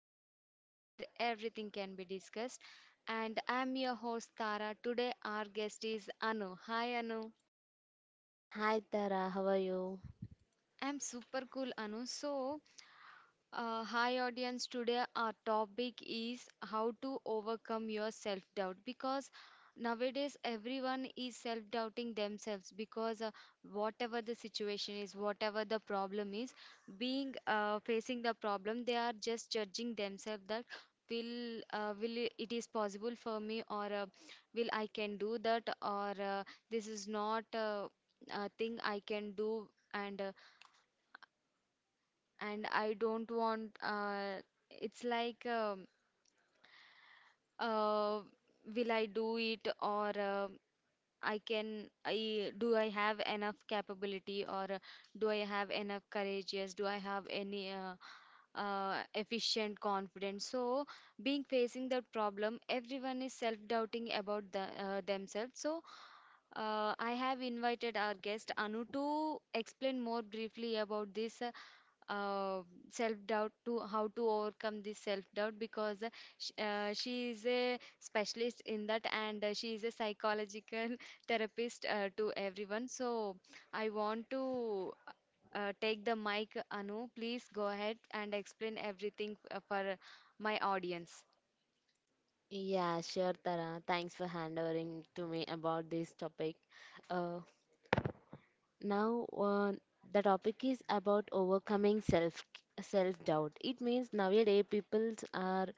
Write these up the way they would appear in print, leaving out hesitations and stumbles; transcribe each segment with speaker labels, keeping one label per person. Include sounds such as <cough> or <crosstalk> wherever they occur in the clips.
Speaker 1: Canvas of Words, where everything can be discussed. And I'm your host, Tara. Today, our guest is Anu. Hi, Anu.
Speaker 2: Hi Tara, how are you?
Speaker 1: I'm super cool, Anu. Hi audience, today our topic is how to overcome your self-doubt because nowadays everyone is self-doubting themselves because whatever the situation is, whatever the problem is, being facing the problem, they are just judging themselves that it is possible for me or will I can do that or this is not a thing I can do and and I don't want, it's like uh, will I do it or I can I do I have enough capability or do I have enough courage, yes, do I have any efficient confidence? So being facing that problem, everyone is self doubting about themselves. So I have invited our guest Anu to explain more briefly about this uh, self doubt, to how to overcome this self doubt because sh she is a specialist in that, and she is a psychological <laughs> therapist to everyone. So I want to take the mic, Anu. Please go ahead and explain everything for my audience.
Speaker 2: Yeah, sure Tara. Thanks for handovering to me about this topic. Uh, Now, the topic is about overcoming self doubt. It means nowadays people are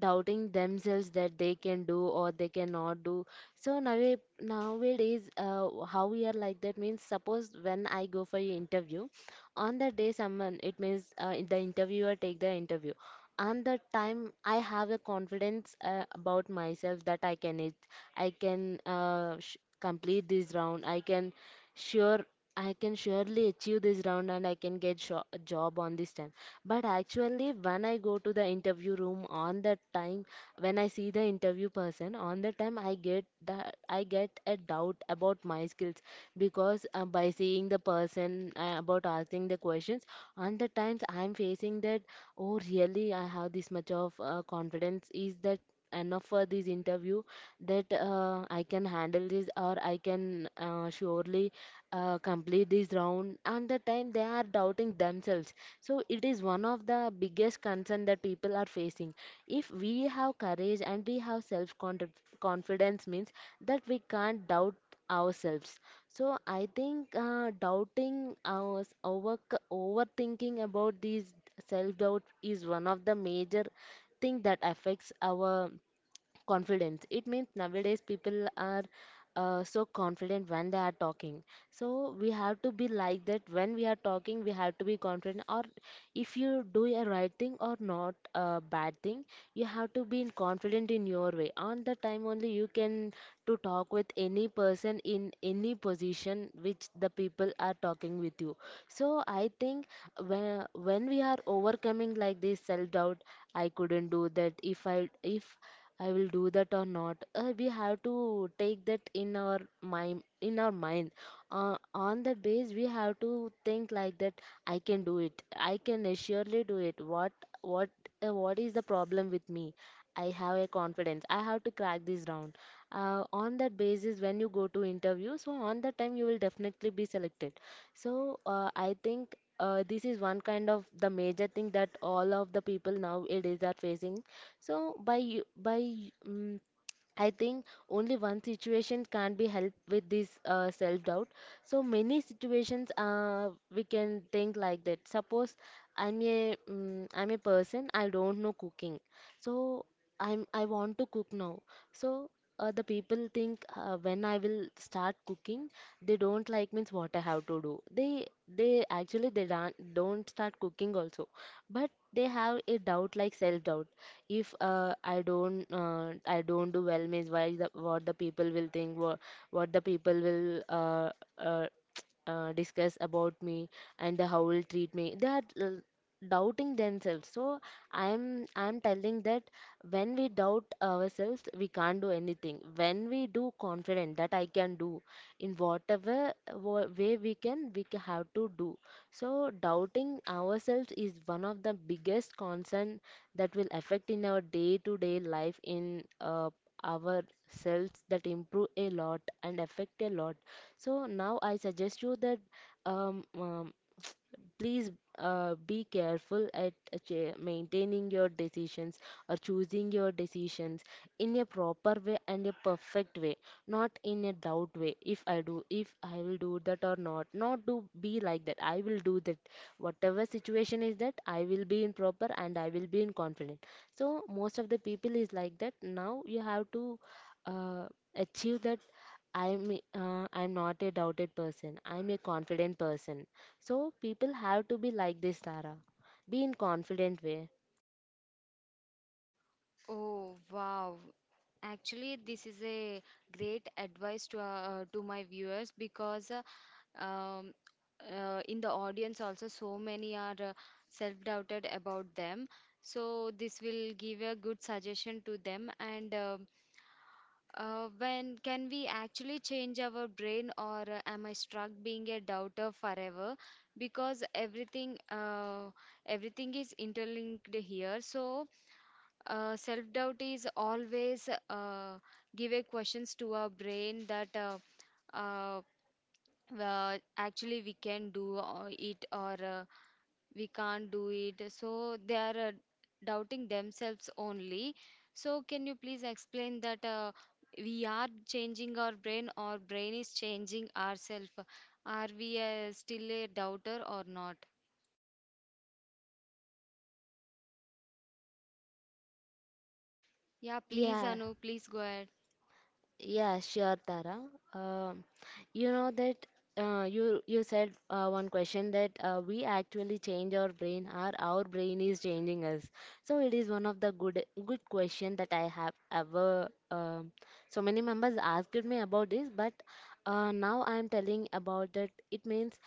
Speaker 2: doubting themselves that they can do or they cannot do. So nowadays, how we are like that means suppose when I go for an interview, on that day someone, it means the interviewer take the interview. On that time I have a confidence about myself that I can it, I can sh complete this round. Sure I can surely achieve this round and I can get a job on this time. But actually, when I go to the interview room on that time, when I see the interview person on that time, I get that I get a doubt about my skills because by seeing the person, about asking the questions, on the times I am facing that, oh really, I have this much of confidence, is that enough for this interview, that I can handle this, or I can surely complete this round? And the time they are doubting themselves, so it is one of the biggest concern that people are facing. If we have courage and we have self confidence means that we can't doubt ourselves. So I think doubting our overthinking about these self doubt is one of the major thing that affects our confidence. It means nowadays people are so confident when they are talking, so we have to be like that. When we are talking we have to be confident, or if you do a right thing or not a bad thing, you have to be in confident in your way. On the time only you can to talk with any person in any position which the people are talking with you. So I think, when we are overcoming like this self doubt, I couldn't do that, if I will do that or not, we have to take that in our mind. On that base we have to think like that: I can do it, I can surely do it. What what is the problem with me? I have a confidence, I have to crack this round. On that basis when you go to interview, so on that time you will definitely be selected. So I think this is one kind of the major thing that all of the people nowadays are facing. So by u- by um, I think only one situation can be helped with this self doubt. So many situations, we can think like that. Suppose I'm a person, I don't know cooking. So I want to cook now. So the people think, when I will start cooking, they don't like, means what I have to do. They actually they don't start cooking also, but they have a doubt, like self doubt, if I don't do well, means why the, what, the people will think, what the people will uh, <tsk> discuss about me, and the how will treat me. They are doubting themselves, so I'm telling that when we doubt ourselves we can't do anything. When we do confident that I can do, in whatever way we can we ca- have to do. So, doubting ourselves is one of the biggest concern that will affect in our day to day life, in our selves, that improve a lot and affect a lot. So, now I suggest you that, um, um, please be careful at maintaining your decisions, or choosing your decisions in a proper way and a perfect way, not in a doubt way. If i do if I will do that or not, not do, be like that: I will do that, whatever situation is that, I will be in proper and I will be in confident. So most of the people is like that. Now you have to uh, achieve that. I'm not a doubted person, I'm a confident person. So people have to be like this, Tara. Be in confident way.
Speaker 1: Oh, wow. Actually, this is a great advice to my viewers because um, in the audience also so many are self-doubted about them, so this will give a good suggestion to them. And when can we actually change our brain, or am I stuck being a doubter forever? Because everything is interlinked here, so self-doubt is always give a questions to our brain that uh, actually we can do it or we can't do it, so they are doubting themselves only. So can you please explain that we are changing our brain or brain is changing ourself? Are we still a doubter or not? Yeah, please,
Speaker 2: Yeah,
Speaker 1: Anu, please go ahead.
Speaker 2: yeah, sure, Tara. Um, you know that, you said, one question that, we actually change our brain or our brain is changing us. So it is one of the good question that I have ever, so many members asked me about this, but now I am telling about that. It means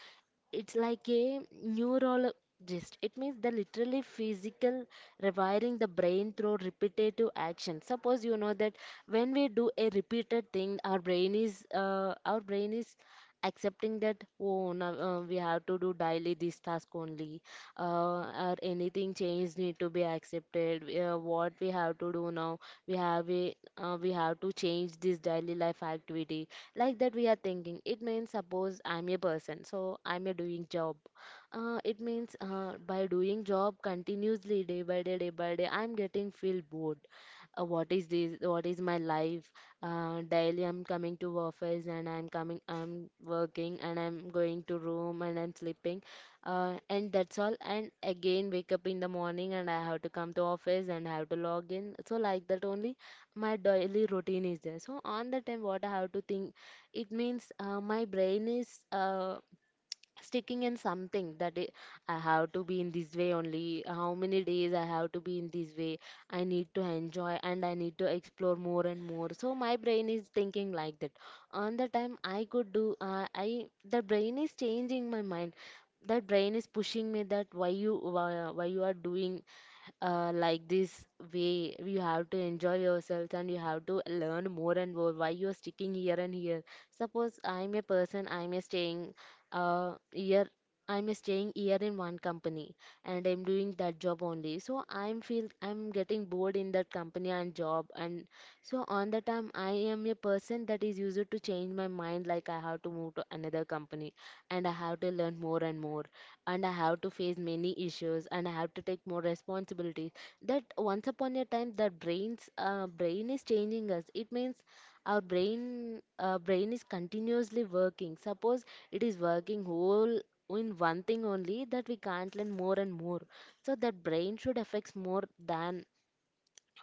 Speaker 2: it's like a neurologist. It means the literally physical rewiring the brain through repetitive action. Suppose you know that, when we do a repeated thing, our brain is accepting that, oh now we have to do daily this task only, uh, or anything change need to be accepted. What we have to do now, we have to change this daily life activity. Like that we are thinking. It means suppose I'm a person, so I'm a doing job. It means by doing job continuously, day by day day by day, I'm getting feel bored. What is this, what is my life? Daily I'm coming to office, and I'm working, and I'm going to room and I'm sleeping, and that's all, and again wake up in the morning and I have to come to office and I have to log in. So like that only, my daily routine is there. So on the time, what I have to think, it means my brain is sticking in something that I have to be in this way only. How many days I have to be in this way? I need to enjoy and I need to explore more and more. So my brain is thinking like that. On the time I could do I the brain is changing my mind. That brain is pushing me that, why you are doing like this way. You have to enjoy yourselves and you have to learn more and more. Why you're sticking here and here? Suppose I'm a person, uh, year I'm staying year in one company and I'm doing that job only. So I'm getting bored in that company and job. And so on the time I am a person that is used to change my mind, like I have to move to another company, and I have to learn more and more, and I have to face many issues, and I have to take more responsibilities. That once upon a time, that brain is changing us. It means our brain brain is continuously working. Suppose it is working whole in one thing only, that we can't learn more and more, so that brain should affects more than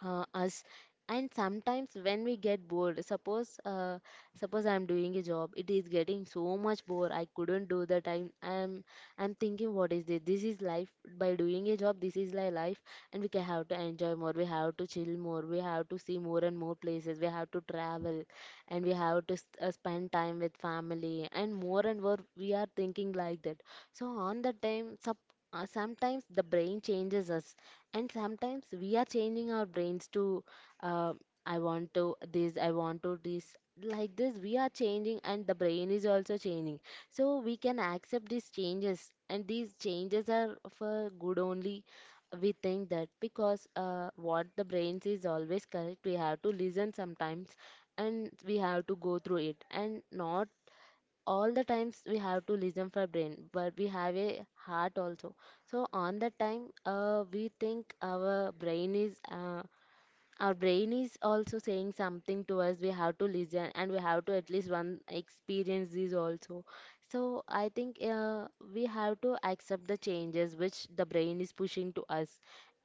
Speaker 2: us. And sometimes when we get bored, suppose I'm doing a job, it is getting so much bored, I couldn't do. The time I'm thinking, what is this, this is life? By doing a job, this is my life. And we can have to enjoy more, we have to chill more, we have to see more and more places, we have to travel, and we have to spend time with family, and more we are thinking like that. So on the time, sub sometimes the brain changes us, and sometimes we are changing our brains to, uh, I want to this, I want to this. Like this, we are changing and the brain is also changing. So we can accept these changes, and these changes are for good only. We think that, because what the brains is always correct, we have to listen sometimes, and we have to go through it, and not all the times we have to listen for brain, but we have a heart also. So on that time we think our brain is also saying something to us. We have to listen, and we have to at least one experience this also. So I think, we have to accept the changes which the brain is pushing to us,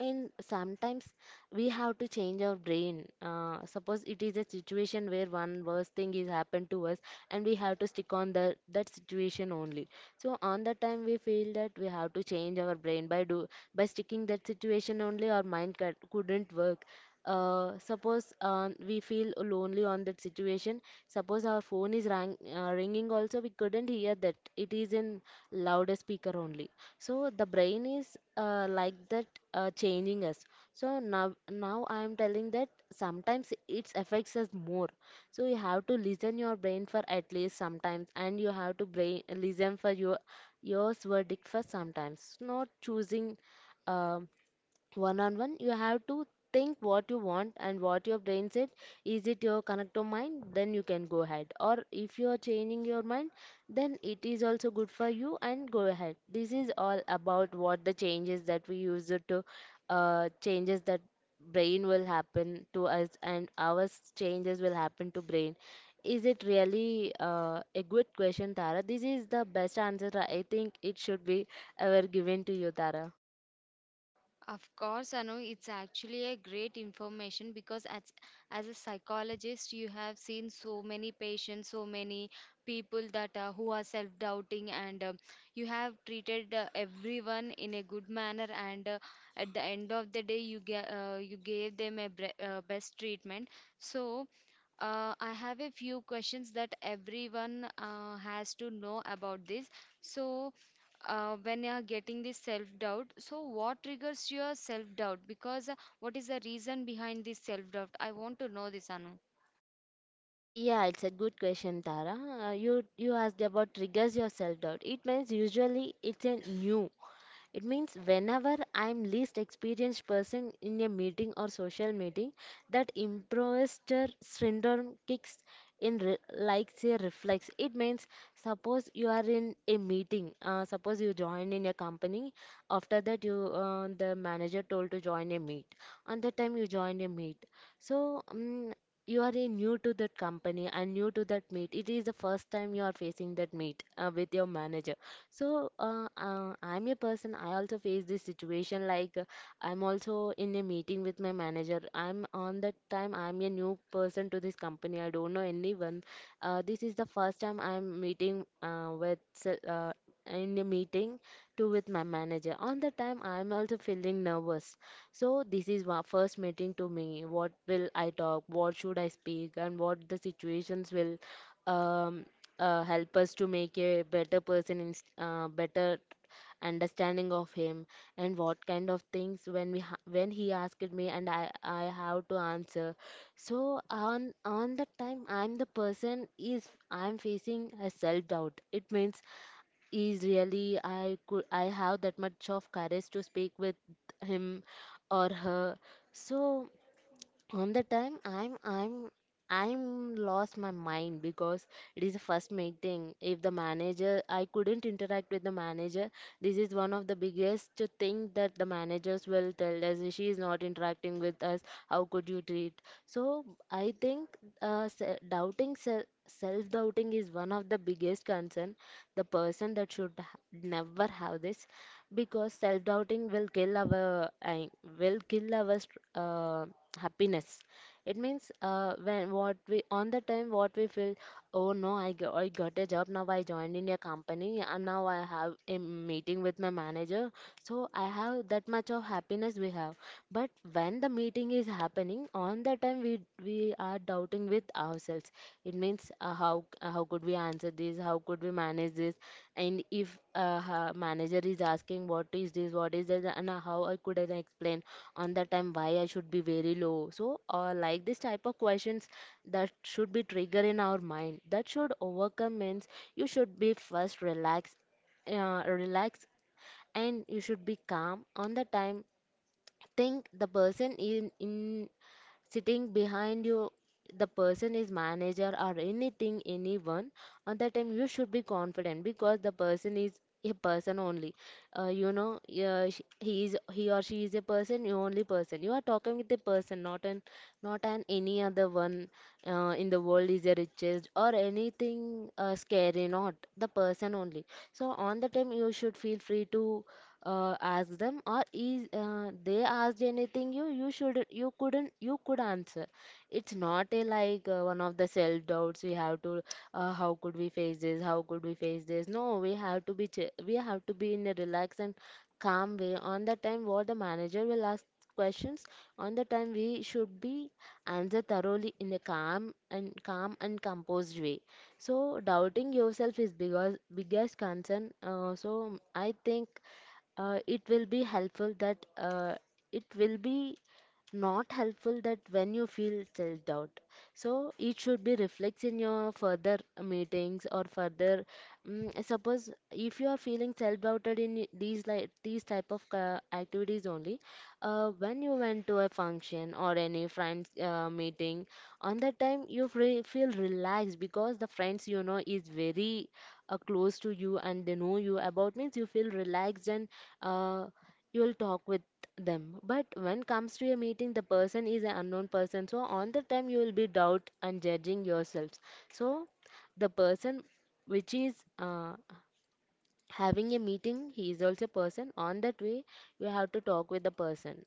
Speaker 2: and sometimes we have to change our brain. Suppose it is a situation where one worse thing is happened to us, and we have to stick on the that situation only. So on that time we feel that we have to change our brain, by do by sticking that situation only, our mind couldn't work. Suppose we feel lonely on that situation. Suppose our phone is ringing also, we couldn't hear that, it is in louder speaker only. So the brain is like that, changing us, so Now I am telling that sometimes it affects us more. So you have to listen your brain for at least sometimes, and you have to brain listen for your yours verdict for sometimes not choosing. um One on one, you have to think what you want and what your brain said. Is it your connector mind? Then you can go ahead, or if you are changing your mind, then it is also good for you and go ahead. This is all about what the changes that we use it to, changes that brain will happen to us and our changes will happen to brain. Is it really a good question, Tara? This is the best answer, I think, it should be ever given to you, Tara.
Speaker 1: Of course, Anu, it's actually a great information because as a psychologist, you have seen so many patients, so many people that who are self-doubting, and you have treated everyone in a good manner. And at the end of the day, you gave them a bre best treatment. So. I have a few questions that everyone has to know about this. So, when you are getting this self doubt, so what triggers your self doubt? Because what is the reason behind this self doubt? I want to know this, Anu.
Speaker 2: Yeah, it's a good question, Tara. You asked about triggers your self doubt. It means usually it means whenever I'm least experienced person in a meeting or social meeting, that imposter syndrome kicks in like say reflex. It means suppose you are in a meeting, suppose you join in a company. After that, you the manager told to join a meet. On that time, you join a meet. So you are a new to that company and new to that meet. It is the first time you are facing that meet with your manager. So I'm a person. I also face this situation. Like I'm also in a meeting with my manager. I'm on that time. I'm a new person to this company. I don't know anyone. This is the first time I'm meeting with uh, in a meeting to with my manager. On the time, I'm also feeling nervous. So this is my first meeting to me. What will I talk? What should I speak? And what the situations will um help us to make a better person in better understanding of him, and what kind of things when we when he asked me, and I have to answer. So on that time, I'm the person is I'm facing a self doubt. It means is really I could I have that much of courage to speak with him or her. So on the time, I'm I'm lost my mind, because it is the first meeting if the manager I couldn't interact with the manager. This is one of the biggest thing that the managers will tell us, she is not interacting with us. How could you treat? So I think doubting self-doubting is one of the biggest concern. The person that never have this, because self-doubting will kill our happiness. It means when what we on the time what we feel. Oh no, I got, I got a job. Now I joined in a company, and now I have a meeting with my manager. So I have that much of happiness we have. But when the meeting is happening on the time, we are doubting with ourselves. It means how could we answer this? How could we manage this? And if manager is asking, what is this? What is this? And how I could I explain? On the time, why I should be very low? So like this type of questions that should be trigger in our mind that should overcome means. You should be first relax, relax, and you should be calm on the time. Think the person in sitting behind you. The person is manager or anything, anyone. On that time, you should be confident, because the person is a person only. You know, he is he or she is a person. You only person you are talking with a person, not an, not an any other one. In the world is the richest or anything scary, not the person only. So on the time, you should feel free to ask them, or is they asked anything, you should you couldn't you could answer. It's not a like one of the self doubts we have to how could we face this? How could we face this? No, we have to be we have to be in a relaxed and calm way on the time what the manager will ask questions. On the time, we should be answer thoroughly in a calm and calm and composed way. So doubting yourself is because biggest concern. So I think it will be helpful that it will be not helpful that when you feel self doubt, so it should be reflects in your further meetings or further. Suppose if you are feeling self doubted in these like these type of activities only. When you went to a function or any friends meeting, on that time, you feel relaxed, because the friends you know is very close to you, and they know you about means you feel relaxed and uh, you will talk with them. But when comes to a meeting, the person is an unknown person. So on the time, you will be doubt and judging yourselves. So the person which is having a meeting, he is also a person. On that way, you have to talk with the person.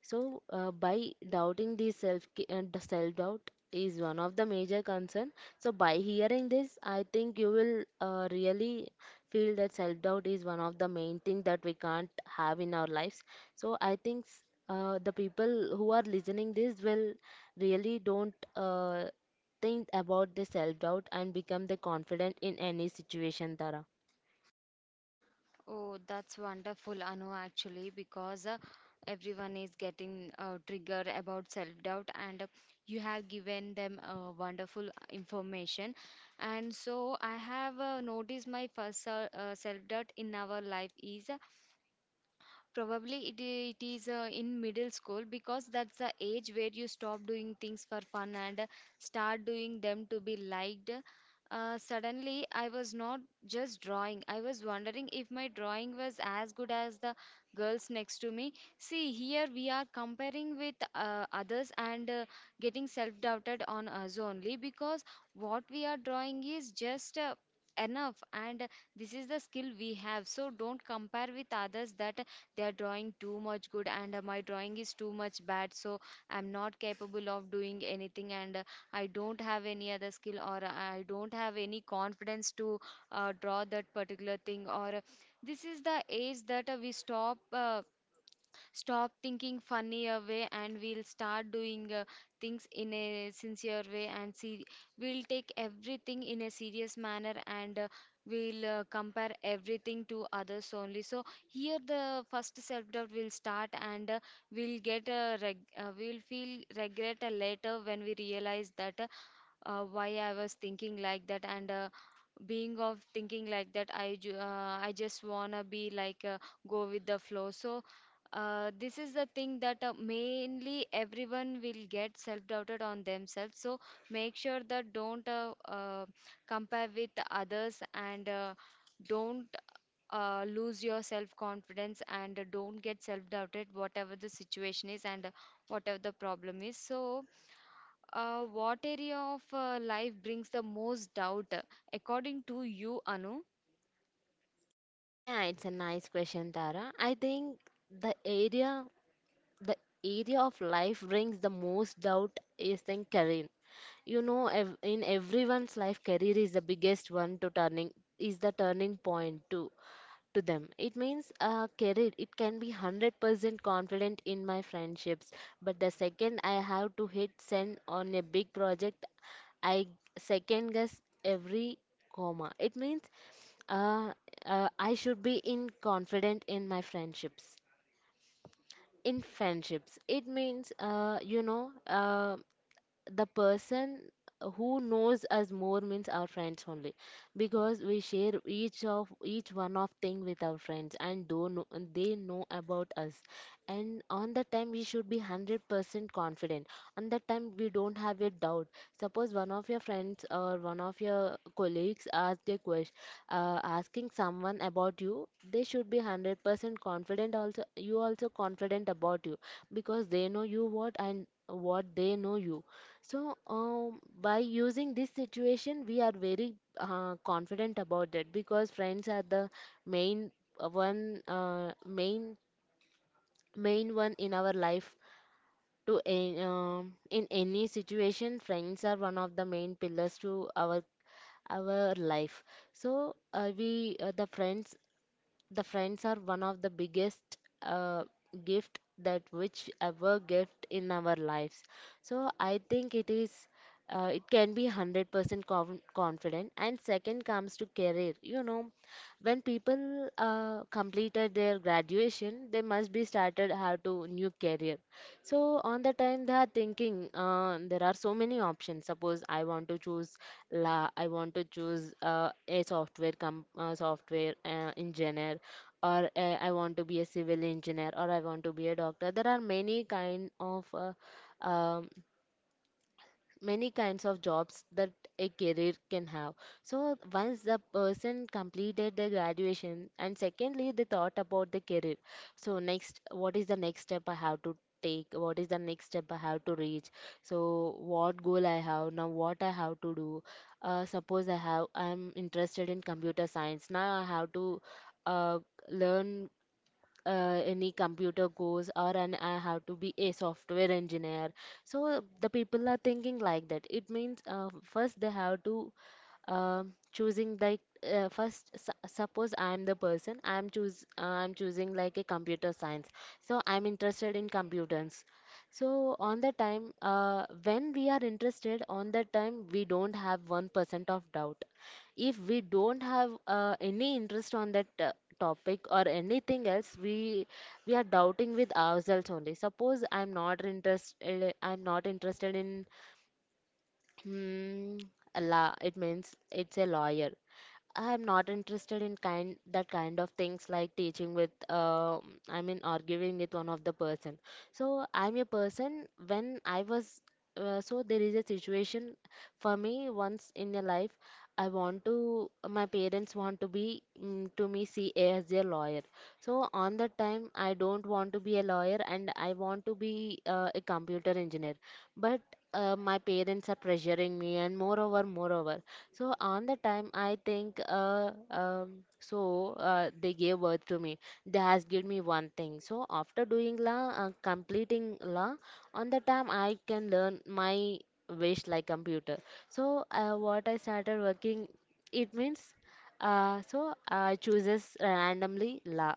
Speaker 2: So, by doubting the self, and the self doubt is one of the major concern. So, by hearing this, I think you will really feel that self doubt is one of the main thing that we can't have in our lives. So, I think the people who are listening this will really don't think about the self doubt and become the confident in any situation, Tara.
Speaker 1: Oh, that's wonderful, Anu, actually, because everyone is getting triggered about self-doubt, and you have given them wonderful information. And so, I have noticed my first self-doubt in our life is, probably it is in middle school, because that's the age where you stop doing things for fun and start doing them to be liked. Suddenly, I was not just drawing. I was wondering if my drawing was as good as the girls next to me. See, here we are comparing with others and getting self-doubted on us only, because what we are drawing is just enough, and this is the skill we have, so don't compare with others that they are drawing too much good, and my drawing is too much bad, so I'm not capable of doing anything, and I don't have any other skill or I don't have any confidence to draw that particular thing, or this is the age that we stop thinking funny way, and we'll start doing things in a sincere way, and see, we'll take everything in a serious manner, and we'll compare everything to others only. So here the first self doubt will start, and we'll get a we'll feel regret later, when we realize that why I was thinking like that, and being of thinking like that, I I just wanna be like, go with the flow. So this is the thing that mainly everyone will get self-doubted on themselves, so make sure that don't compare with others, and don't lose your self-confidence, and don't get self-doubted, whatever the situation is, and whatever the problem is. So what area of life brings the most doubt, according to you, Anu?
Speaker 2: Yeah, it's a nice question, Tara. I think the area the area of life brings the most doubt is in career. You know, in everyone's life, career is the biggest one to turning is the turning point to them. It means career. It can be 100% confident in my friendships, but the second I have to hit send on a big project, I second guess every comma. It means uh, I should be in confident in my friendships, in friendships. It means you know, the person who knows us more means our friends only, because we share each of each one of thing with our friends and don't know, and they know about us, and on that time we should be 100% confident. On that time, we don't have a doubt. Suppose one of your friends or one of your colleagues ask a question, asking someone about you, they should be 100% confident, also you also confident about you, because they know you what and what they know you. So, by using this situation, we are very confident about it, because friends are the main uh, one, uh, main main one in our life. In any situation, friends are one of the main pillars to our life. So, we the friends are one of the biggest uh, gift that which ever gift in our lives. So I think it is it can be 100% confident, and second comes to career. You know, when people completed their graduation, they must be started how to new career. So on the time, they are thinking there are so many options. Suppose I want to choose la I want to choose a software software engineer, or I want to be a civil engineer, or I want to be a doctor. There are many kind of um, many kinds of jobs that a career can have. So once the person completed the graduation, and secondly they thought about the career. So next, what is the next step I have to take? What is the next step I have to reach? So what goal I have now? What I have to do? Suppose I have I'm interested in computer science. Now I have to uh, learn any computer course or an I have to be a software engineer. So the people are thinking like that. It means first they have to uh, choosing like first suppose I am the person I am choose I am choosing like a computer science. So I am interested in computers. So on the time, when we are interested on the time, we don't have 1% of doubt. If we don't have any interest on that topic or anything else, we are doubting with ourselves only. Suppose I'm not interested, I'm not interested in hmm, a la, it means it's a lawyer. I am not interested in kind that kind of things like teaching with I mean arguing with one of the person. So I'm a person when I was so there is a situation for me once in a life. I want to my parents want to be mm, to me see as a lawyer. So on that time I don't want to be a lawyer, and I want to be a computer engineer. But my parents are pressuring me and moreover, so on the time, I think they gave birth to me. They has given me one thing. So after doing la, completing la, on the time I can learn my wish like computer. So what I started working, it means so I chooses randomly la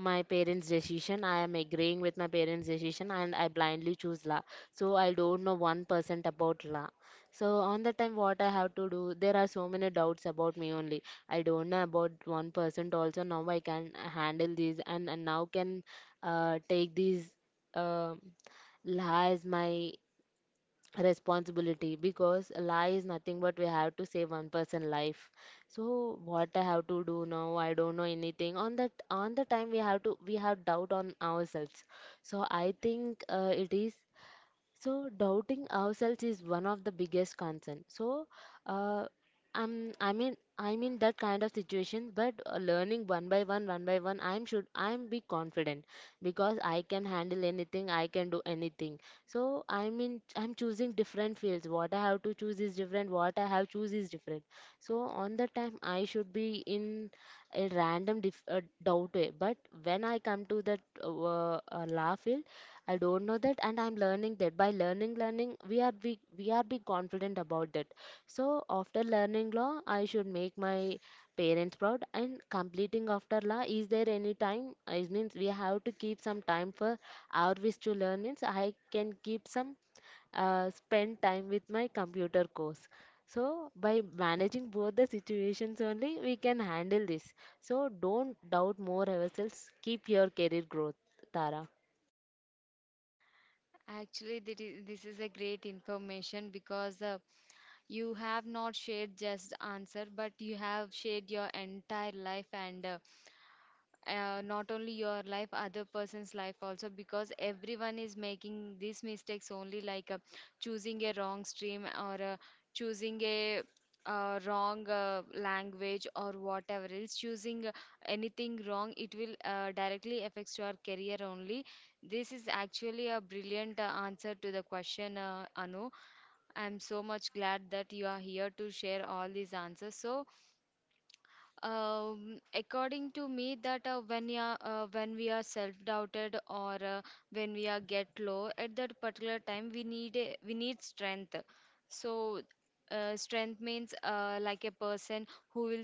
Speaker 2: my parents' decision. I am agreeing with my parents' decision, and I blindly choose law. So I don't know 1% about law. So on that time, what I have to do? There are so many doubts about me only. I don't know about 1% also. Now I can handle these, and now can take these um law as my responsibility, because a lie is nothing but we have to save one person life. So what I have to do now? I don't know anything on that. On the time we have to, we have doubt on ourselves. So I think it is, so doubting ourselves is one of the biggest concern. So uh, I'm I mean, I'm in that kind of situation, but learning one by one, I'm be confident, because I can handle anything, I can do anything. So I'm choosing different fields. What I have to choose is different. What I have choose is different. So on the time I should be in a random doubt way. But when I come to that law field, I don't know that, and I'm learning that. By learning, learning, we are be confident about that. So after learning law, I should make my parents proud. And completing after law, is there any time? It means we have to keep some time for our wish to learn. Means I can keep some spend time with my computer course. So by managing both the situations only, we can handle this. So don't doubt more ourselves. Keep your career growth, Tara.
Speaker 1: Actually, that is, this is a great information because you have not shared just answer, but you have shared your entire life, and not only your life, other person's life also, because everyone is making these mistakes only, like choosing a wrong stream or choosing a wrong language, or whatever else, choosing anything wrong, it will directly affects your career only. This is actually a brilliant answer to the question, Anu. I'm so much glad that you are here to share all these answers. So according to me, that when we are self-doubted or when we are get low at that particular time, we need strength. So, strength means like a person who will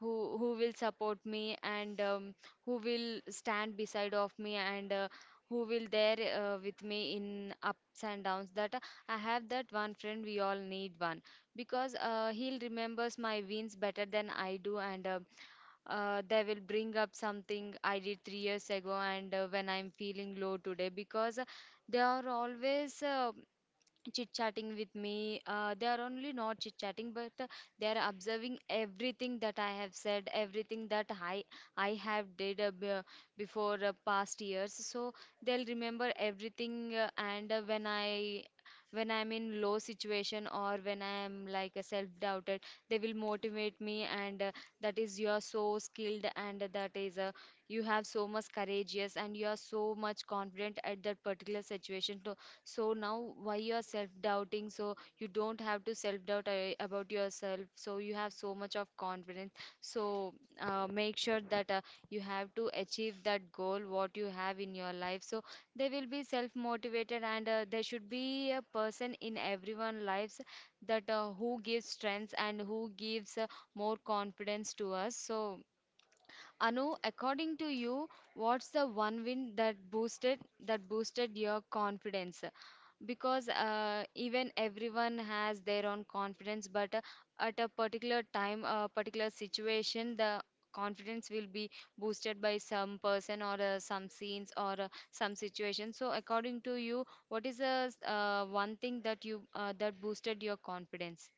Speaker 1: who will support me, and who will stand beside of me, and who will there with me in ups and downs. That I have that one friend. We all need one, because he'll remembers my wins better than I do, and they will bring up something I did 3 years ago, and when I'm feeling low today, because they are always chit chatting with me. They are only not chit chatting, but they are observing everything that I have said, everything that I have before past years. So they'll remember everything. And when I when I'm in low situation, or when I'm like a self-doubted, they will motivate me, and that is you are so skilled, and that is you have so much courageous, and you are so much confident at that particular situation. So so now why you are self doubting? So you don't have to self doubt about yourself, so you have so much of confidence. So make sure that you have to achieve that goal what you have in your life. So they will be self motivated, and there should be a person in everyone lives that who gives strength and who gives more confidence to us. So Anu, according to you, what's the one win that boosted your confidence? Because even everyone has their own confidence, but at a particular time, a particular situation, the confidence will be boosted by some person or some scenes or some situation. So, according to you, what is the one thing that you that boosted your confidence?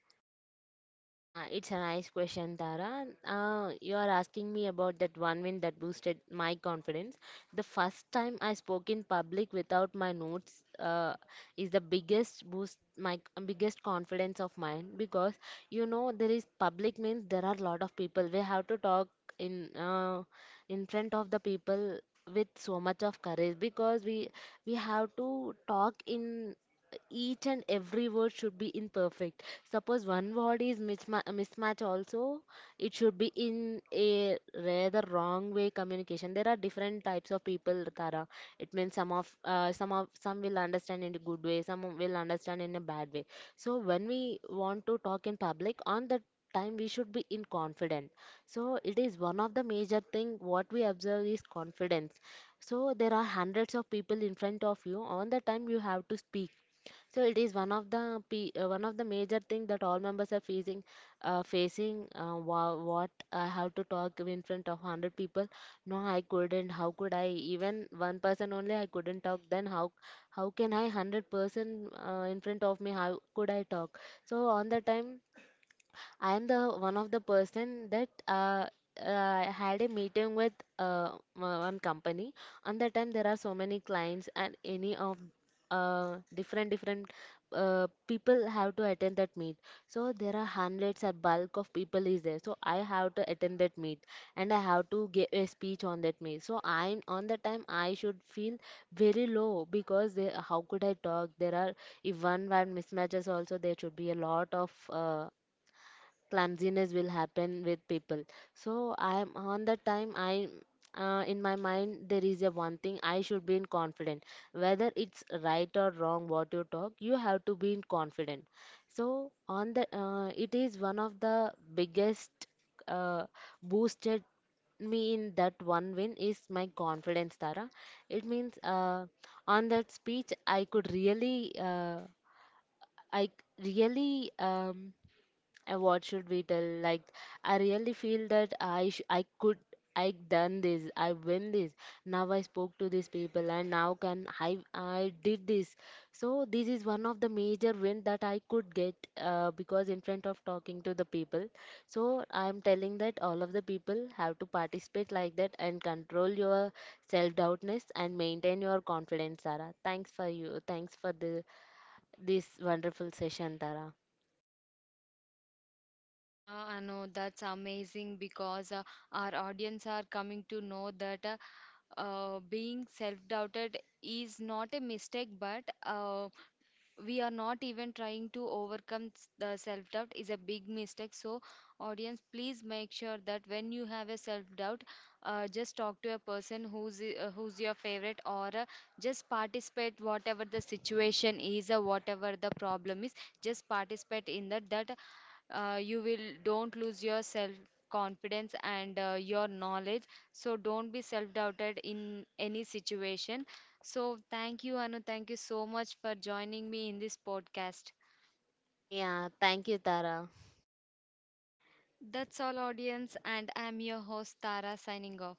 Speaker 2: Yeah, it's a nice question, Tara. You are asking me about that one win that boosted my confidence. The first time I spoke in public without my notes is the biggest boost, my biggest confidence of mine, because you know there is public means there are a lot of people. We have to talk in uh, in front of the people with so much of courage, because we have to talk in each and every word should be in perfect. Suppose one word is mismatch also, it should be in a rather wrong way communication. There are different types of people, Tara. It means some will understand in a good way, some will understand in a bad way. So when we want to talk in public, on the time we should be in confident. So it is one of the major thing what we observe is confidence. So there are hundreds of people in front of you. On the time you have to speak, so it is one of the one of the major thing that all members are facing. Facing what I have to talk in front of 100 people. No, I couldn't. How could I? Even one person only, I couldn't talk. Then how can I 100 person in front of me? How could I talk? So on the time I am the one of the person that had a meeting with uh, one company. On that time, there are so many clients and any of different different people have to attend that meet. So there are hundreds or bulk of people is there. So I have to attend that meet, and I have to give a speech on that meet. So I'm on the time I should feel very low because they, how could I talk? There are, if one one mismatches also, there should be a lot of clumsiness will happen with people. So I'm on the time I in my mind there is a one thing, I should be in confident. Whether it's right or wrong, what you talk, you have to be in confident. So on the it is one of the biggest uh, boosted me in that one win is my confidence, Tara. It means on that speech I could really I c- really um, and what should we tell like, I really feel that I could, I done this, I win this. Now I spoke to these people, and now can I did this. So this is one of the major win that I could get, because in front of talking to the people. So I'm telling that all of the people have to participate like that and control your self doubtness and maintain your confidence, Tara. Thanks for the this wonderful session, Tara.
Speaker 1: I know that's amazing because our audience are coming to know that being self-doubted is not a mistake, but we are not even trying to overcome the self-doubt is a big mistake. So, audience, please make sure that when you have a self-doubt, just talk to a person who's your favorite, or just participate whatever the situation is or whatever the problem is. Just participate in that that you will don't lose your self confidence, and your knowledge. So don't be self doubted in any situation. So thank you, Anu, thank you so much for joining me in this podcast.
Speaker 2: Yeah, thank you, Tara.
Speaker 1: That's all, audience, and I'm your host Tara signing off.